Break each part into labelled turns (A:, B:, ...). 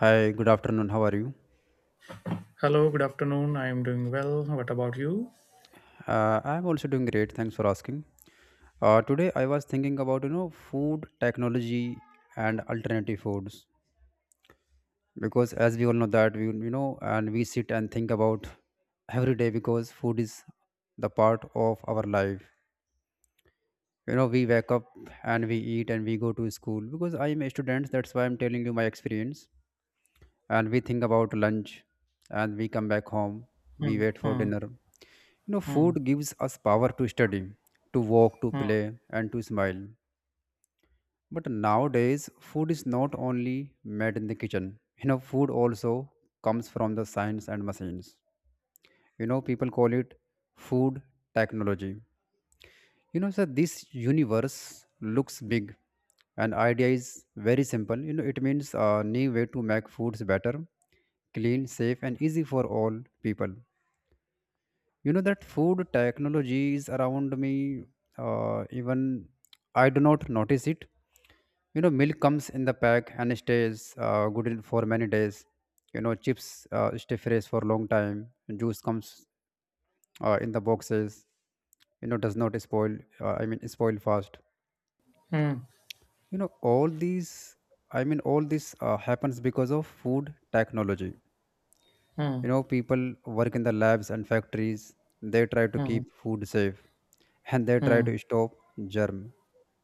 A: Hi, good afternoon. How are you?
B: Hello, good afternoon. I am doing well. What about you?
A: I'm also doing great. Thanks for asking. Today I was thinking about food technology and alternative foods because as we all know that we sit and think about every day because food is the part of our life. You know, we wake up and we eat and we go to school because I'm a student. That's why I'm telling you my experience. And we think about lunch and we come back home. We
B: Hmm,
A: wait for
B: hmm,
A: dinner. You know,
B: hmm,
A: food gives us power to study, to walk, to
B: hmm,
A: play, and to smile. But nowadays, food is not only made in the kitchen. You know, food also comes from the science and machines. You know, people call it food technology. You know, sir, this universe looks big, and idea is very simple. You know, it means a new way to make foods better, clean, safe, and easy for all people. You know that food technology is around me, even I do not notice it. You know, milk comes in the pack and stays good in for many days. You know, chips stay fresh for long time. Juice comes in the boxes, you know, does not spoil, I mean spoil fast.
B: hmm,
A: You know all these I mean all this happens because of food technology. You
B: hmm,
A: know, people work in the labs and factories. They try to
B: hmm,
A: keep food safe and they try
B: hmm,
A: to stop germ.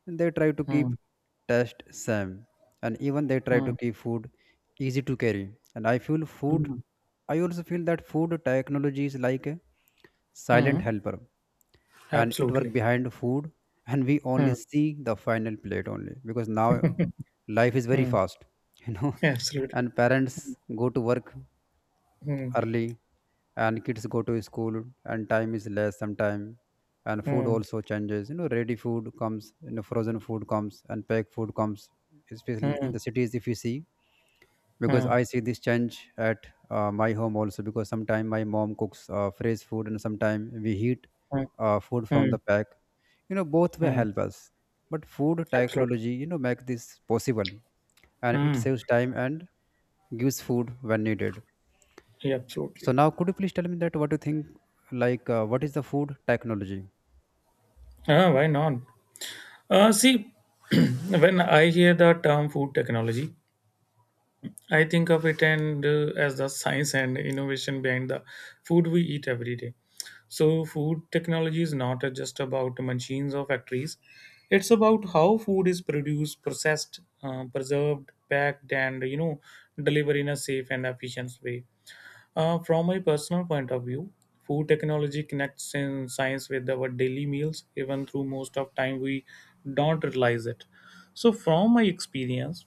A: And they try to
B: hmm,
A: keep taste same and even they try to
B: hmm,
A: keep food easy to carry. And I feel food
B: hmm,
A: I also feel that food technology is like a
B: hmm.
A: silent helper and it work
B: Absolutely.
A: behind food and we
B: Hmm,
A: only see the final plate only because now life is very
B: hmm,
A: fast. You know,
B: Absolutely.
A: and parents go to work
B: Hmm,
A: early and kids go to school and time is less sometime, and food
B: hmm,
A: also changes. You know, ready food comes, you know, frozen food comes and packed food comes, especially
B: hmm,
A: in the cities if you see, because
B: hmm,
A: I see this change at my home also because sometimes my mom cooks fresh food and sometimes we heat
B: hmm,
A: food from
B: hmm,
A: the pack. You know, both will
B: hmm.
A: help us, but food
B: Absolutely.
A: technology, you know, make this possible, and it
B: Hmm,
A: saves time and gives food when needed.
B: yeah,
A: So
B: Absolutely.
A: now, could you please tell me that what you think? Like, what is the food technology?
B: Ah, why not? See, when I hear the term food technology, I think of it and as the science and innovation behind the food we eat every day. So, food technology is not just about machines or factories, it's about how food is produced, processed, preserved, packed, and delivered in a safe and efficient way. From my personal point of view, food technology connects in science with our daily meals, even through most of time we don't realize it. So, from my experience,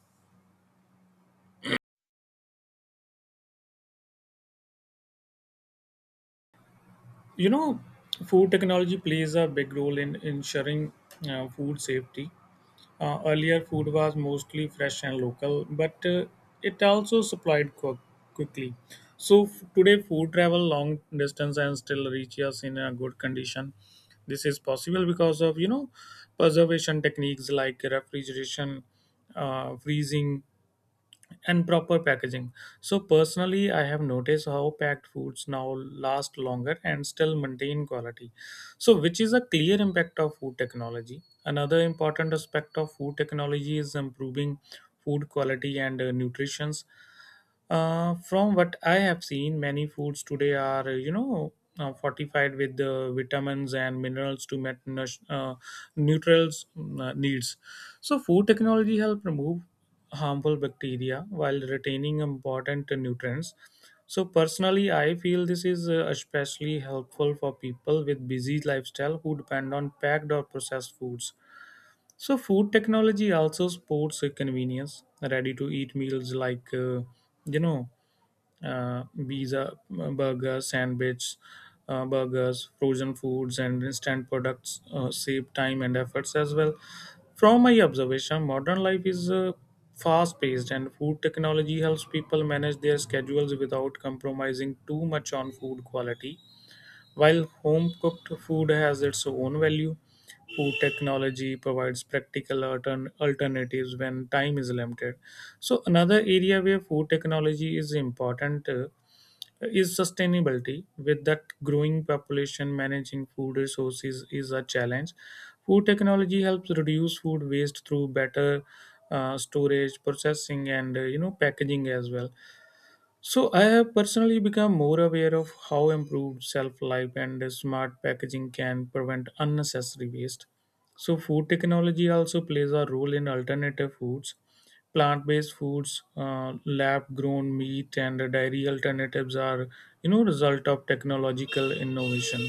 B: you know, food technology plays a big role in ensuring food safety. Earlier, food was mostly fresh and local, but it also supplied quickly. So today, food travel long distance and still reach us in a good condition. This is possible because of preservation techniques like refrigeration, freezing, and proper packaging. So personally, I have noticed how packed foods now last longer and still maintain quality, so which is a clear impact of food technology. Another important aspect of food technology is improving food quality and nutrition. From what I have seen, many foods today are fortified with the vitamins and minerals to meet neutrals needs. So, food technology help remove harmful bacteria while retaining important nutrients. So, personally, I feel this is especially helpful for people with busy lifestyle who depend on packed or processed foods. So, food technology also supports convenience, ready to eat meals like, you know, pizza, burgers, sandwich, burgers, frozen foods, and instant products save time and efforts as well. From my observation, modern life is fast paced, and food technology helps people manage their schedules without compromising too much on food quality. While home cooked food has its own value, food technology provides practical alternatives when time is limited. So, another area where food technology is important, is sustainability. With that growing population, managing food resources is a challenge. Food technology helps reduce food waste through better storage processing and packaging as well. So I have personally become more aware of how improved self life and smart packaging can prevent unnecessary waste. So, food technology also plays a role in alternative foods. Plant based foods, lab grown meat, and dairy alternatives are, result of technological innovation.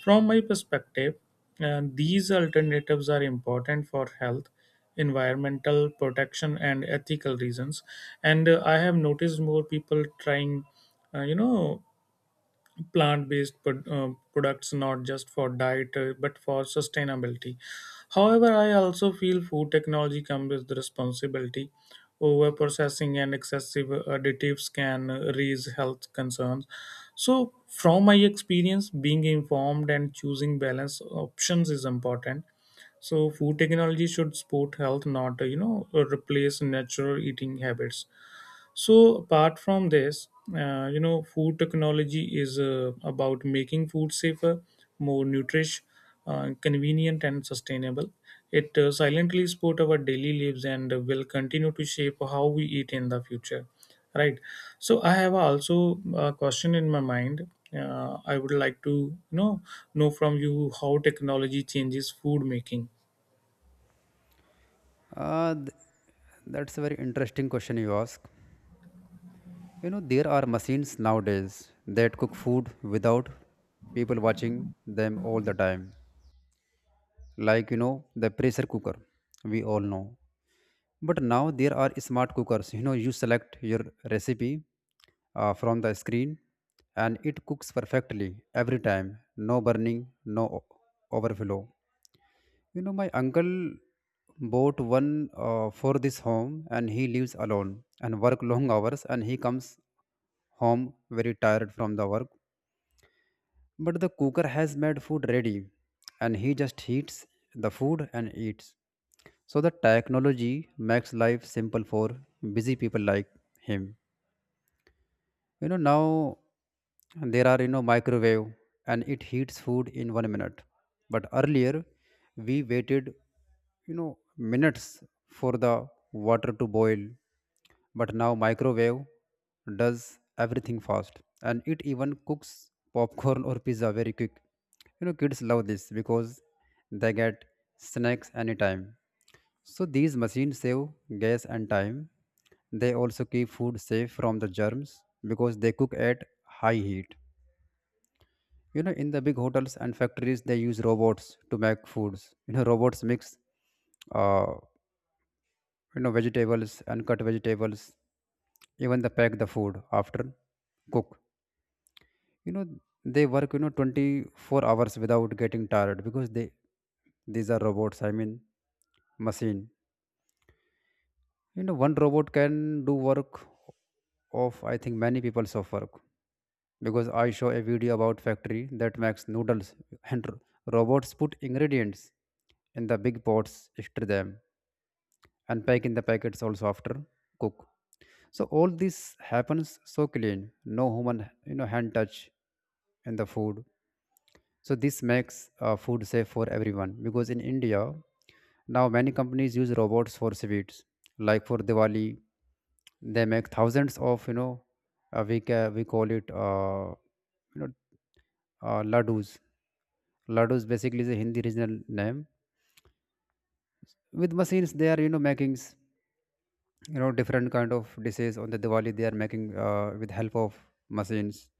B: From my perspective, these alternatives are important for health, environmental protection, and ethical reasons. And I have noticed more people trying, uh, you know, plant-based products not just for diet but for sustainability. However, I also feel food technology comes with the responsibility. Over processing and excessive additives can raise health concerns. So from my experience, being informed and choosing balanced options is important. So food technology should support health, not replace natural eating habits. So apart from this, food technology is about making food safer, more nutritious, convenient, and sustainable. It silently support our daily lives and will continue to shape how we eat in the future. Right. So I have also a question in my mind. I would like to know from you how technology changes food making.
A: Uh, th- that's a very interesting question you ask. You know, there are machines nowadays that cook food without people watching them all the time. Like, you know, the pressure cooker, we all know. But now there are smart cookers. You know, you select your recipe from the screen and it cooks perfectly every time. No burning, no o- overflow. You know, my uncle bought one for this home and he lives alone and work long hours and he comes home very tired from the work. But the cooker has made food ready and he just heats the food and eats. So the technology makes life simple for busy people like him. You know, now there are, you know, microwave, and it heats food in 1 minute. But earlier we waited, you know, minutes for the water to boil. But now microwave does everything fast and it even cooks popcorn or pizza very quick. You know, kids love this because they get snacks anytime. So these machines save gas and time. They also keep food safe from the germs because they cook at high heat. You know, in the big hotels and factories, they use robots to make foods. You know, robots mix, uh, you know, vegetables and cut vegetables, even they pack the food after cook. You know, they work 24 hours without getting tired because they these are robots. I mean, machine. You know, one robot can do work of, I think, many people's of work because I saw a video about factory that makes noodles and robots put ingredients in the big pots, stir them, and pack in the packets also after cook. So all this happens so clean, no human hand touch in the food. So this makes food safe for everyone because in India now, many companies use robots for sweets, like for Diwali. They make thousands of, you know, we call it, you know, laddus. Laddus basically is a Hindi regional name. With machines, they are, you know, you know, different kind of dishes on the Diwali. They are making with help of machines,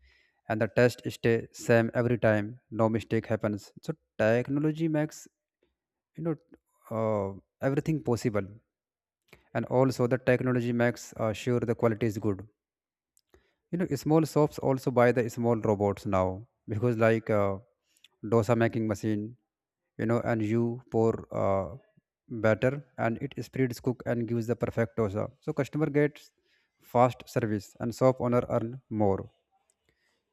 A: and the taste stay same every time. No mistake happens. So technology makes, you know, uh, everything possible, and also the technology makes sure the quality is good. You know, small shops also buy the small robots now, because like dosa making machine, you know, and you pour uh, batter and it spreads cook and gives the perfect dosa, so customer gets fast service and shop owner earn more.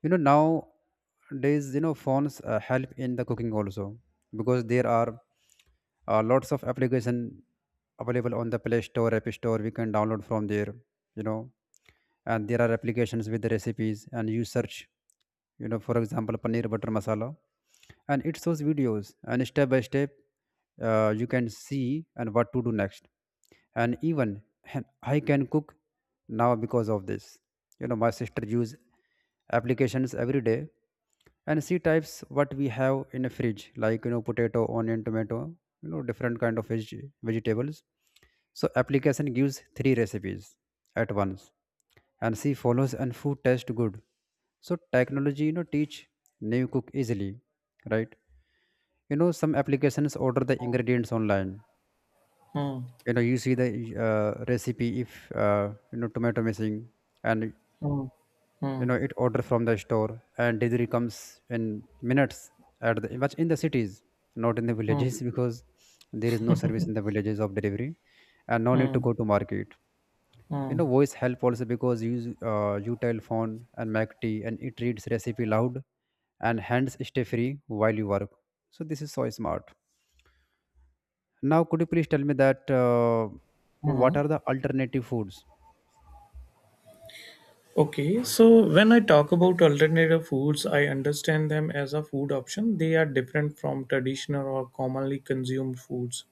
A: You know, nowadays, you know, phones help in the cooking also because there are lots of application available on the play store, app store, we can download from there, you know, and there are applications with the recipes and you search, you know, for example paneer butter masala, and it shows videos and step by step, you can see and what to do next. And even I can cook now because of this. You know, my sister use applications every day, and she types what we have in a fridge, like, you know, potato, onion, tomato, you know, different kind of vegetables. So application gives three recipes at once, and she follows and food tastes good. So technology, you know, teach new cook easily. Right. You know, some applications order the ingredients online.
B: Hmm.
A: You know, you see the recipe, if you know, tomato missing, and
B: Hmm.
A: you know it order from the store and delivery comes in minutes at the, but in the cities, not in the
B: Hmm.
A: villages, because there is no service in the villages of delivery, and no need to
B: Hmm.
A: go to market. You
B: Hmm.
A: know, voice help also because you use, you tell phone and make tea and it reads recipe loud, and hands stay free while you work. So this is so smart. Now could you please tell me that what
B: Hmm.
A: are the alternative foods?
B: Okay, so when I talk about alternative foods, I understand them as a food option. They are different from traditional or commonly consumed foods,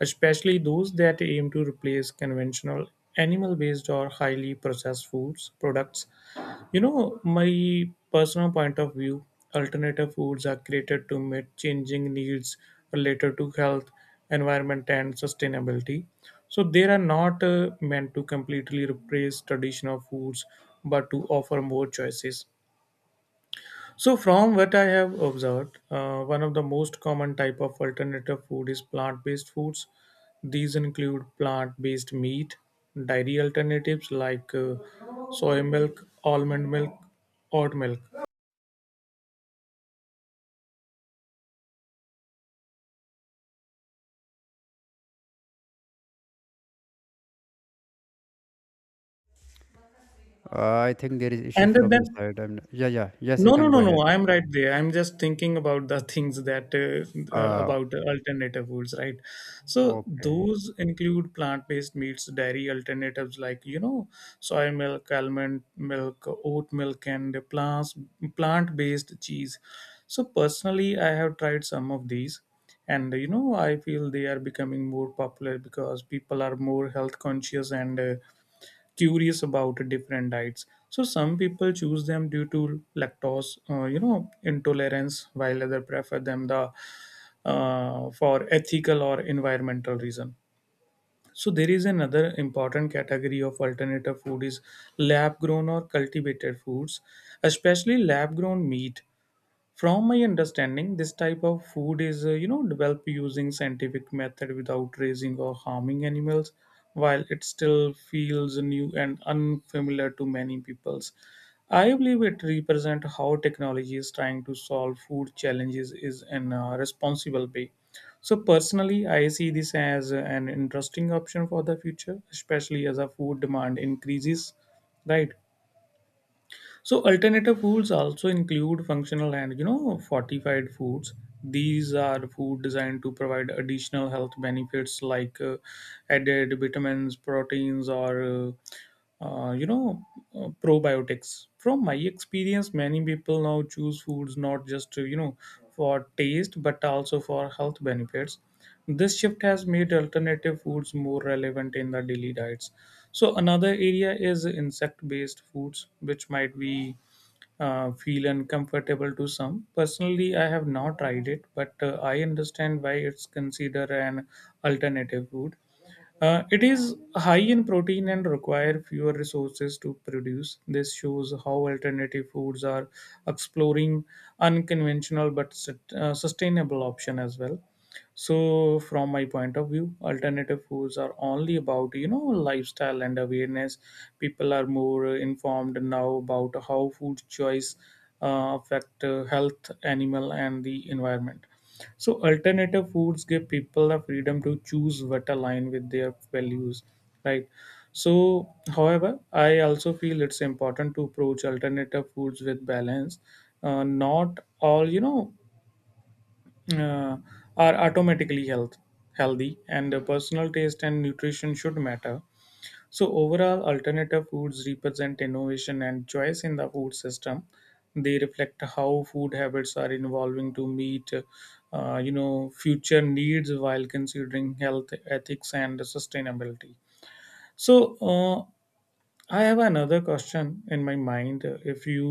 B: especially those that aim to replace conventional animal based or highly processed foods products. My personal point of view, alternative foods are created to meet changing needs related to health, environment, and sustainability. So they are not meant to completely replace traditional foods, but to offer more choices. So, from what I have observed, one of the most common type of alternative food is plant-based foods. These include plant-based meat, dairy alternatives like soy milk, almond milk, oat milk,
A: I think there is issue
B: and
A: from your
B: then
A: side, and yeah, yeah, yes, you
B: No,
A: can
B: no, no,
A: go ahead.
B: no. I'm right there. I'm just thinking about the things that
A: uh,
B: about alternative foods, right? So
A: Okay.
B: those include plant-based meats, dairy alternatives like soy milk, almond milk, oat milk, and plants plant-based cheese. So personally, I have tried some of these, and I feel they are becoming more popular because people are more health conscious and curious about different diets. So some people choose them due to lactose intolerance, while other prefer them the for ethical or environmental reason. So there is another important category of alternative food is lab grown or cultivated foods, especially lab grown meat. From my understanding, this type of food is, developed using scientific method without raising or harming animals, while it still feels new and unfamiliar to many peoples. I believe it represents how technology is trying to solve food challenges is in a responsible way. So personally, I see this as an interesting option for the future, especially as a food demand increases, right? So alternative foods also include functional and fortified foods. These are food designed to provide additional health benefits like added vitamins, proteins, or probiotics. From my experience, many people now choose foods not just for taste but also for health benefits. This shift has made alternative foods more relevant in the daily diets. So another area is insect-based foods, which might be feel uncomfortable to some. Personally, I have not tried it, but I understand why it's considered an alternative food. It is high in protein and require fewer resources to produce. This shows how alternative foods are exploring unconventional but sustainable option as well. So from my point of view, alternative foods are only about lifestyle and awareness. People are more informed now about how food choice affect health, animal, and the environment. So alternative foods give people the freedom to choose what align with their values, right? So however, I also feel it's important to approach alternative foods with balance. Not all uh, are automatically healthy, and personal taste and nutrition should matter. So overall, alternative foods represent innovation and choice in the food system. They reflect how food habits are evolving to meet future needs while considering health, ethics, and sustainability. So I have another question in my mind, if you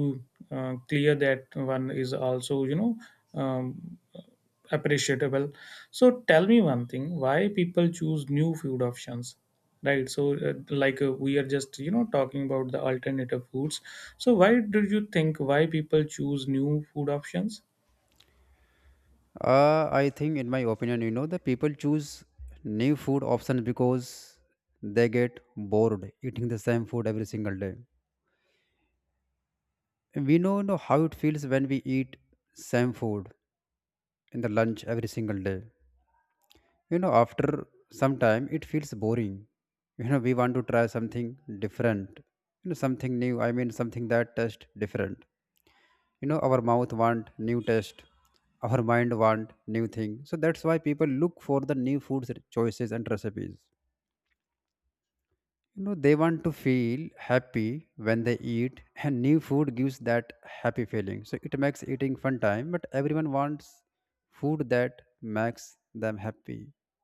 B: clear that one is also um, appreciable. So tell me one thing: why people choose new food options, right? So like we are just talking about the alternative foods, so why do you think why people choose new food options?
A: I think, in my opinion, you know, the people choose new food options because they get bored eating the same food every single day. We know, you know, how it feels when we eat same food in the lunch every single day. You know, after some time, it feels boring. You know, we want to try something different. You know, something new. I mean, something that tastes different. You know, our mouth want new taste, our mind want new thing, so that's why people look for the new foods, choices and recipes. You know, they want to feel happy when they eat, and new food gives that happy feeling, so it makes eating fun time, but everyone wants food that makes them happy, you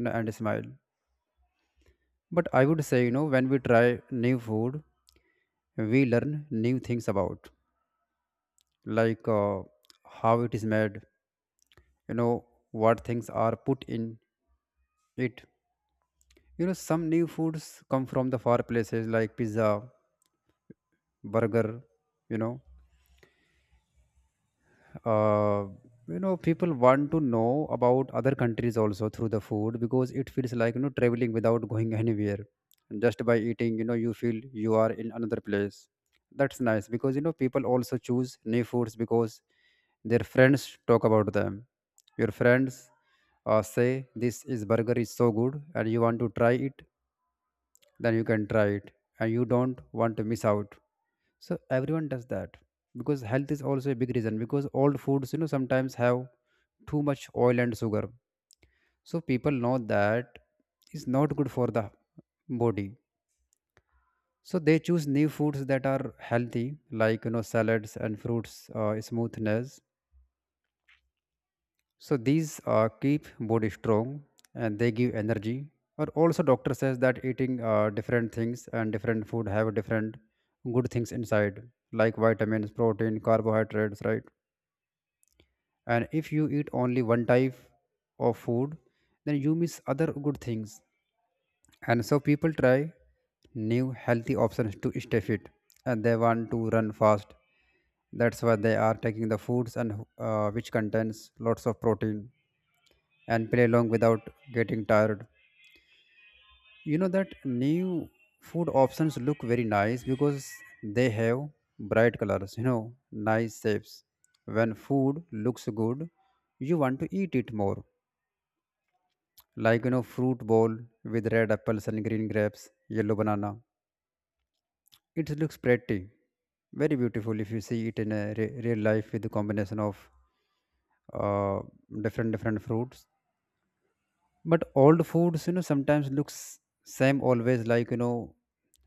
A: know, and smile. But I would say, you know, when we try new food we learn new things about, like, how it is made, you know, what things are put in it. You know, some new foods come from the far places like pizza, burger, you know. Uh, you know, people want to know about other countries also through the food because it feels like, you know, traveling without going anywhere. Just by eating, you know, you feel you are in another place. That's nice because, you know, people also choose new foods because their friends talk about them. Your friends say this is burger is so good and you want to try it, then you can try it, and you don't want to miss out, so everyone does that. Because health is also a big reason, because old foods, you know, sometimes have too much oil and sugar, so people know that it's not good for the body. So they choose new foods that are healthy, like, you know, salads and fruits, smoothness. So these keep body strong and they give energy. But also doctor says that eating different things and different food have different good things inside, like vitamins, protein, carbohydrates, right? And if you eat only one type of food, then you miss other good things. And so people try new healthy options to stay fit, and they want to run fast. That's why they are taking the foods, and which contains lots of protein and play along without getting tired. You know that new food options look very nice because they have bright colors, you know, nice shapes. When food looks good, you want to eat it more. Like you know, fruit bowl with red apples and green grapes, yellow banana. It looks pretty, very beautiful if you see it in a real life with the combination of uh, different different fruits. But old foods, you know, sometimes looks same always, like, you know,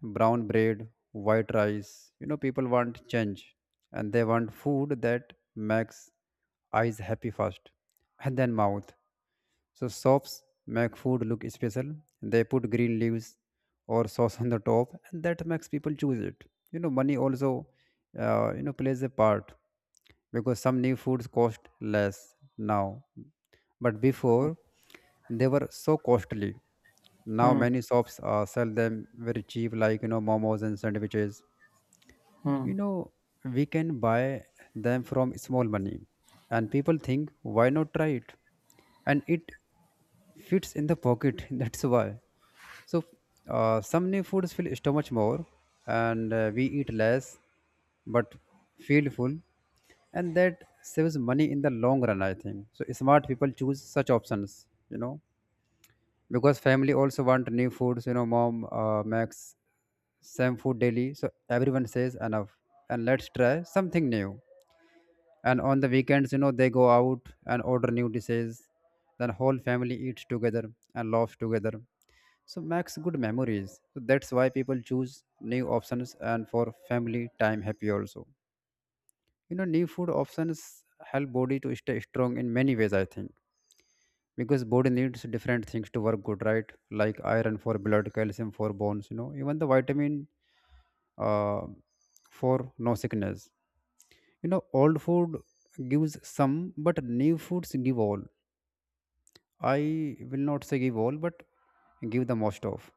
A: brown bread, white rice. You know, people want change and they want food that makes eyes happy first and then mouth. So shops make food look special. They put green leaves or sauce on the top, and that makes people choose it. You know, money also, you know, plays a part because some new foods cost less now, but before they were so costly. Now
B: Hmm,
A: many shops sell them very cheap, like you know, momos and sandwiches.
B: hmm,
A: You know, we can buy them from small money, and people think, why not try it? And it fits in the pocket. That's why. So, some new foods fill stomach more, and we eat less, but feel full, and that saves money in the long run. I think so. Smart people choose such options, you know, because family also want new foods. You know, mom makes same food daily, so everyone says enough, and let's try something new. And on the weekends, you know, they go out and order new dishes, then whole family eats together and laughs together, so makes good memories. So that's why people choose new options and for family time happy also. You know, new food options help body to stay strong in many ways, I think, because body needs different things to work good, right? Like iron for blood, calcium for bones, you know, even the vitamin uh, for no sickness. You know, old food gives some, but new foods give all. I will not say give all, but give the most of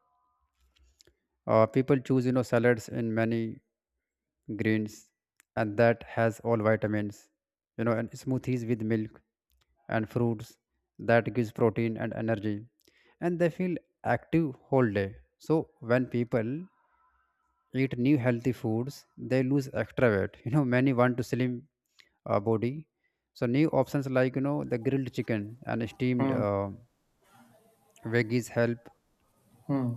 A: people choose, you know, salads in many greens, and that has all vitamins, you know, and smoothies with milk and fruits, that gives protein and energy, and they feel active whole day. So when people eat new healthy foods, they lose extra weight, you know, many want to slim body. So new options like you know the grilled chicken and steamed
B: hmm,
A: veggies help,
B: hmm,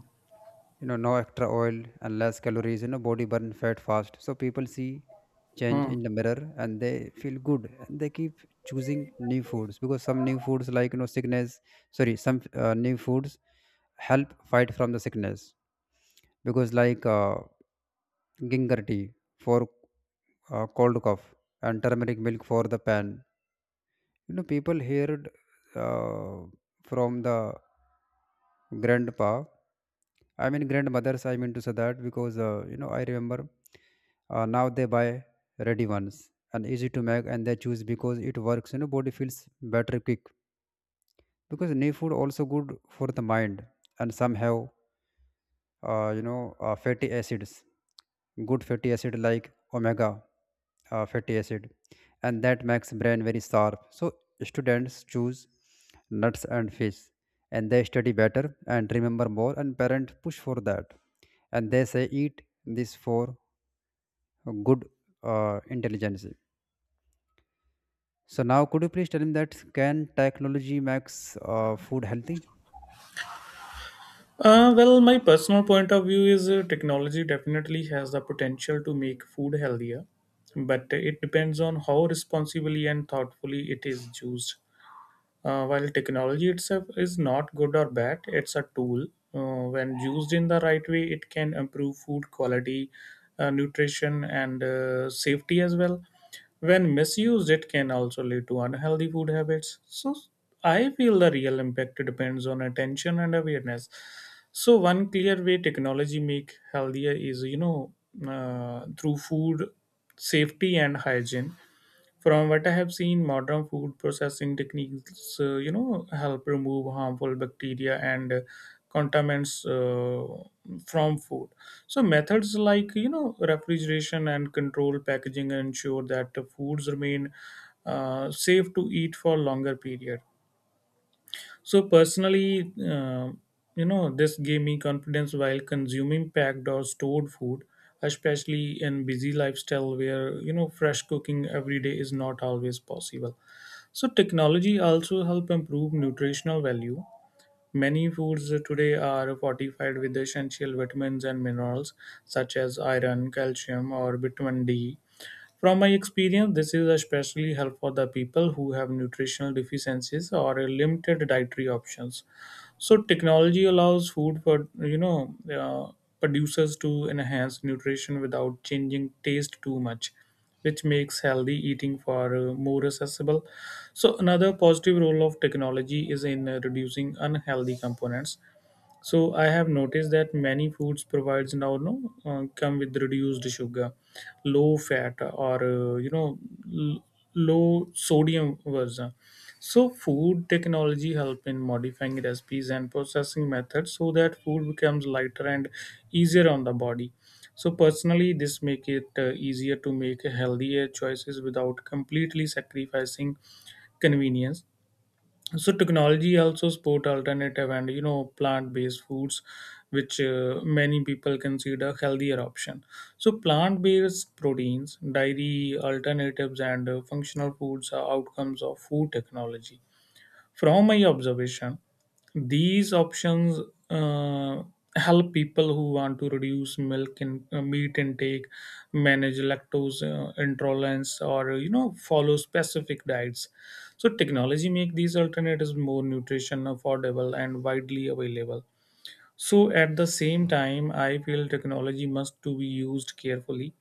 A: you know, no extra oil and less calories. You know, body burn fat fast. So people see change
B: hmm.
A: in the mirror and they feel good and they keep choosing new foods because some new foods like you know sickness, sorry, some new foods help fight from the sickness because like ginger tea for cold cough and turmeric milk for the pan. You know, people heard uh, from the grandpa, I mean grandmothers, I mean to say that because, you know, I remember now they buy ready ones and easy to make and they choose because it works, you know, body feels better quick because new food also good for the mind and somehow you know fatty acids, good fatty acid like omega fatty acid, and that makes brain very sharp. So students choose nuts and fish and they study better and remember more and parent push for that and they say eat this for good intelligence. So now could you please tell me that can technology makes food healthy?
B: Well, my personal point of view is technology definitely has the potential to make food healthier, but it depends on how responsibly and thoughtfully it is used. While technology itself is not good or bad, it's a tool. When used in the right way, it can improve food quality, nutrition, and safety as well. When misused, it can also lead to unhealthy food habits. So, I feel the real impact depends on attention and awareness. So, one clear way technology make healthier is through food safety and hygiene. From what I have seen, modern food processing techniques, help remove harmful bacteria and contaminants from food. So methods like refrigeration and controlled packaging ensure that the foods remain safe to eat for longer period. So personally, this gave me confidence while consuming packed or stored food, especially in busy lifestyle where fresh cooking every day is not always possible. So technology also help improve nutritional value. Many foods today are fortified with essential vitamins and minerals such as iron, calcium, or vitamin D. From my experience, this is especially helpful for the people who have nutritional deficiencies or limited dietary options. So technology allows food for producers to enhance nutrition without changing taste too much, which makes healthy eating far more accessible. So another positive role of technology is in reducing unhealthy components. So I have noticed that many foods provides now no come with reduced sugar, low fat, or l- low sodium version. So food technology help in modifying recipes and processing methods so that food becomes lighter and easier on the body. So personally, this make it easier to make healthier choices without completely sacrificing convenience. So technology also support alternative and plant-based foods, which many people consider healthier option. So plant-based proteins, dairy alternatives, and functional foods are outcomes of food technology. From my observation, these options uh, help people who want to reduce milk and meat intake, manage lactose intolerance, or follow specific diets. So technology make these alternatives more nutrition affordable and widely available. So at the same time, I feel technology must to be used carefully.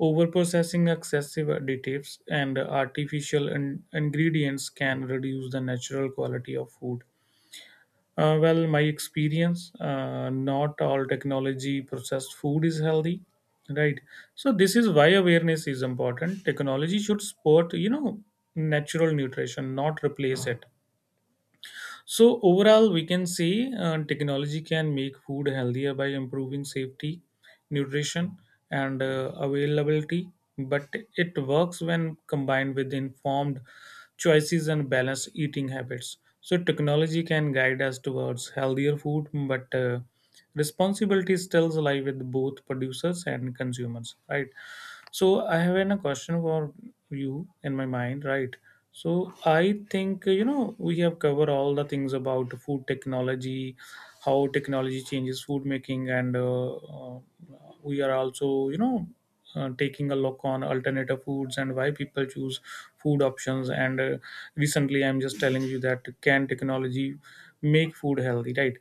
B: Overprocessing, excessive additives, and artificial ingredients can reduce the natural quality of food. Well, my experience, not all technology processed food is healthy, right? So this is why awareness is important. Technology should support, natural nutrition, not replace it. So overall, we can say technology can make food healthier by improving safety, nutrition, and availability. But it works when combined with informed choices and balanced eating habits. So technology can guide us towards healthier food, but responsibility still lie with both producers and consumers, right? So I have a question for you in my mind, right? So I think we have covered all the things about food technology, how technology changes food making, and we are also taking a look on alternative foods and why people choose food options. And recently, I'm just telling you that can technology make food healthy, right?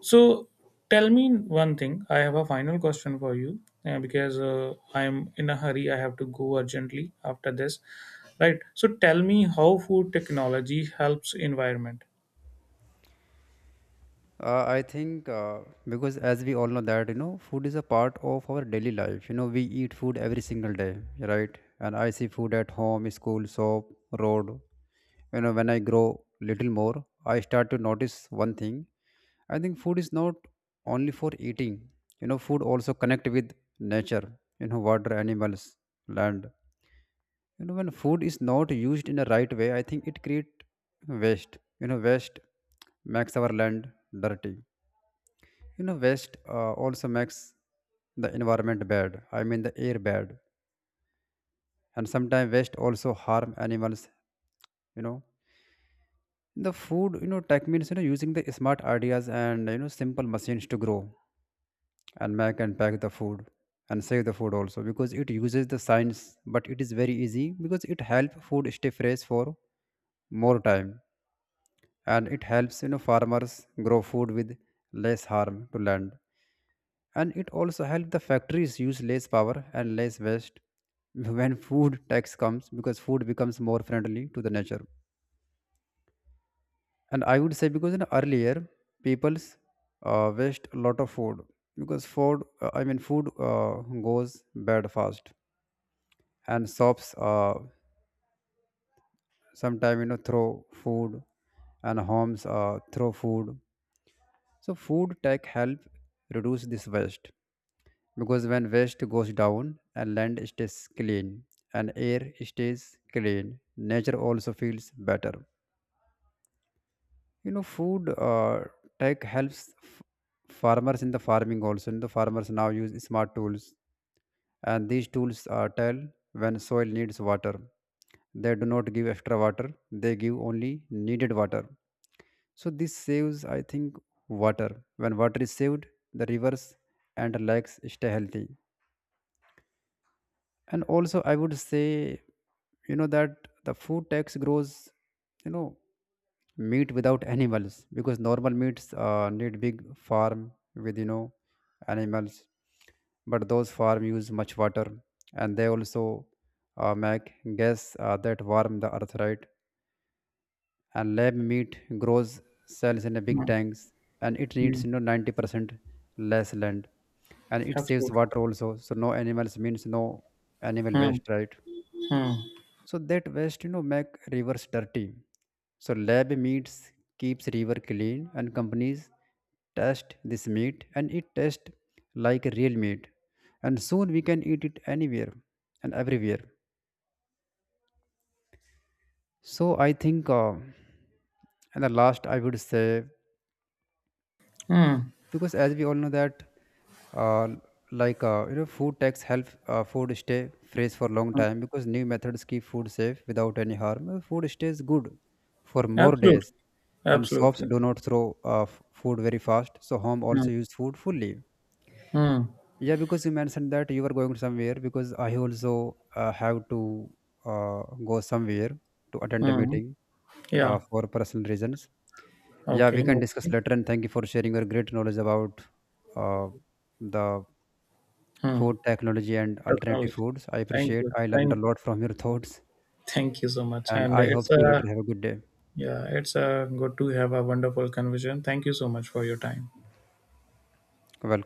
B: So tell me one thing. I have a final question for you because I'm in a hurry. I have to go urgently after this. Right. So tell me how food technology helps environment.
A: I think because as we all know that you know food is a part of our daily life. You know, we eat food every single day, right? And I see food at home, school, shop, road. You know, when I grow little more, I start to notice one thing. I think food is not only for eating. You know, food also connect with nature. You know, water, animals, land. You know, when food is not used in the right way, I think it create waste. You know, waste makes our land dirty. You know, waste also makes the environment bad. I mean, the air bad, and sometimes waste also harm animals. You know, the food, you know, tech means, you know, using the smart ideas and, you know, simple machines to grow and make and pack the food and save the food also because it uses the science, but it is very easy because it helps food stay fresh for more time, and it helps, you know, farmers grow food with less harm to land, and it also helps the factories use less power and less waste. When food tax comes because food becomes more friendly to the nature. And I would say because in earlier people's waste a lot of food because food I mean food goes bad fast, and shops sometimes, you know, throw food, and homes throw food. So food tech help reduce this waste because when waste goes down and land stays clean and air stays clean, nature also feels better. You know, food tech helps farmers in the farming also, and the farmers now use smart tools, and these tools tell when soil needs water. They do not give extra water. They give only needed water. So this saves, I think, water. When water is saved, the rivers and lakes stay healthy. And also I would say, you know, that the food tax grows, you know, meat without animals because normal meats need big farm with, you know, animals, but those farm use much water, and they also make gas that warm the earth, right? And lab meat grows cells in a big
B: Hmm.
A: tanks, and it
B: Hmm.
A: needs, you know, 90% less land, and it saves
B: Absolutely.
A: water also. So no animals means no animal
B: Hmm.
A: waste, right?
B: Hmm.
A: So that waste, you know, make rivers dirty. So lab meats keeps river clean, and companies test this meat, and it tastes like real meat. And soon we can eat it anywhere and everywhere. So I think, and the last I would say
B: Hmm.
A: because as we all know that uh, you know food tax help food stay fresh for long
B: Hmm.
A: time because new methods keep food safe without any harm. Food stays good for more
B: Absolutely.
A: days, and shops
B: Absolutely.
A: do not throw food very fast, so home
B: Hmm.
A: also use food fully.
B: Hmm.
A: Yeah, because you mentioned that you were going somewhere because I also have to uh, go somewhere to attend a
B: Hmm.
A: meeting
B: Yeah.
A: for personal reasons. Yeah,
B: Okay.
A: we
B: No
A: can discuss
B: worries.
A: later. And thank you for sharing your great knowledge about uh, the
B: Hmm.
A: food technology and alternative
B: Technology.
A: foods. I
B: Thank
A: appreciate.
B: you.
A: I learned a
B: Thank you.
A: lot from your thoughts,
B: Thank you so much.
A: and
B: And
A: I hope
B: it's
A: see you
B: a
A: later. Have a good day.
B: yeah, it's a good to have a wonderful conversation. Thank you so much for your time.
A: Welcome.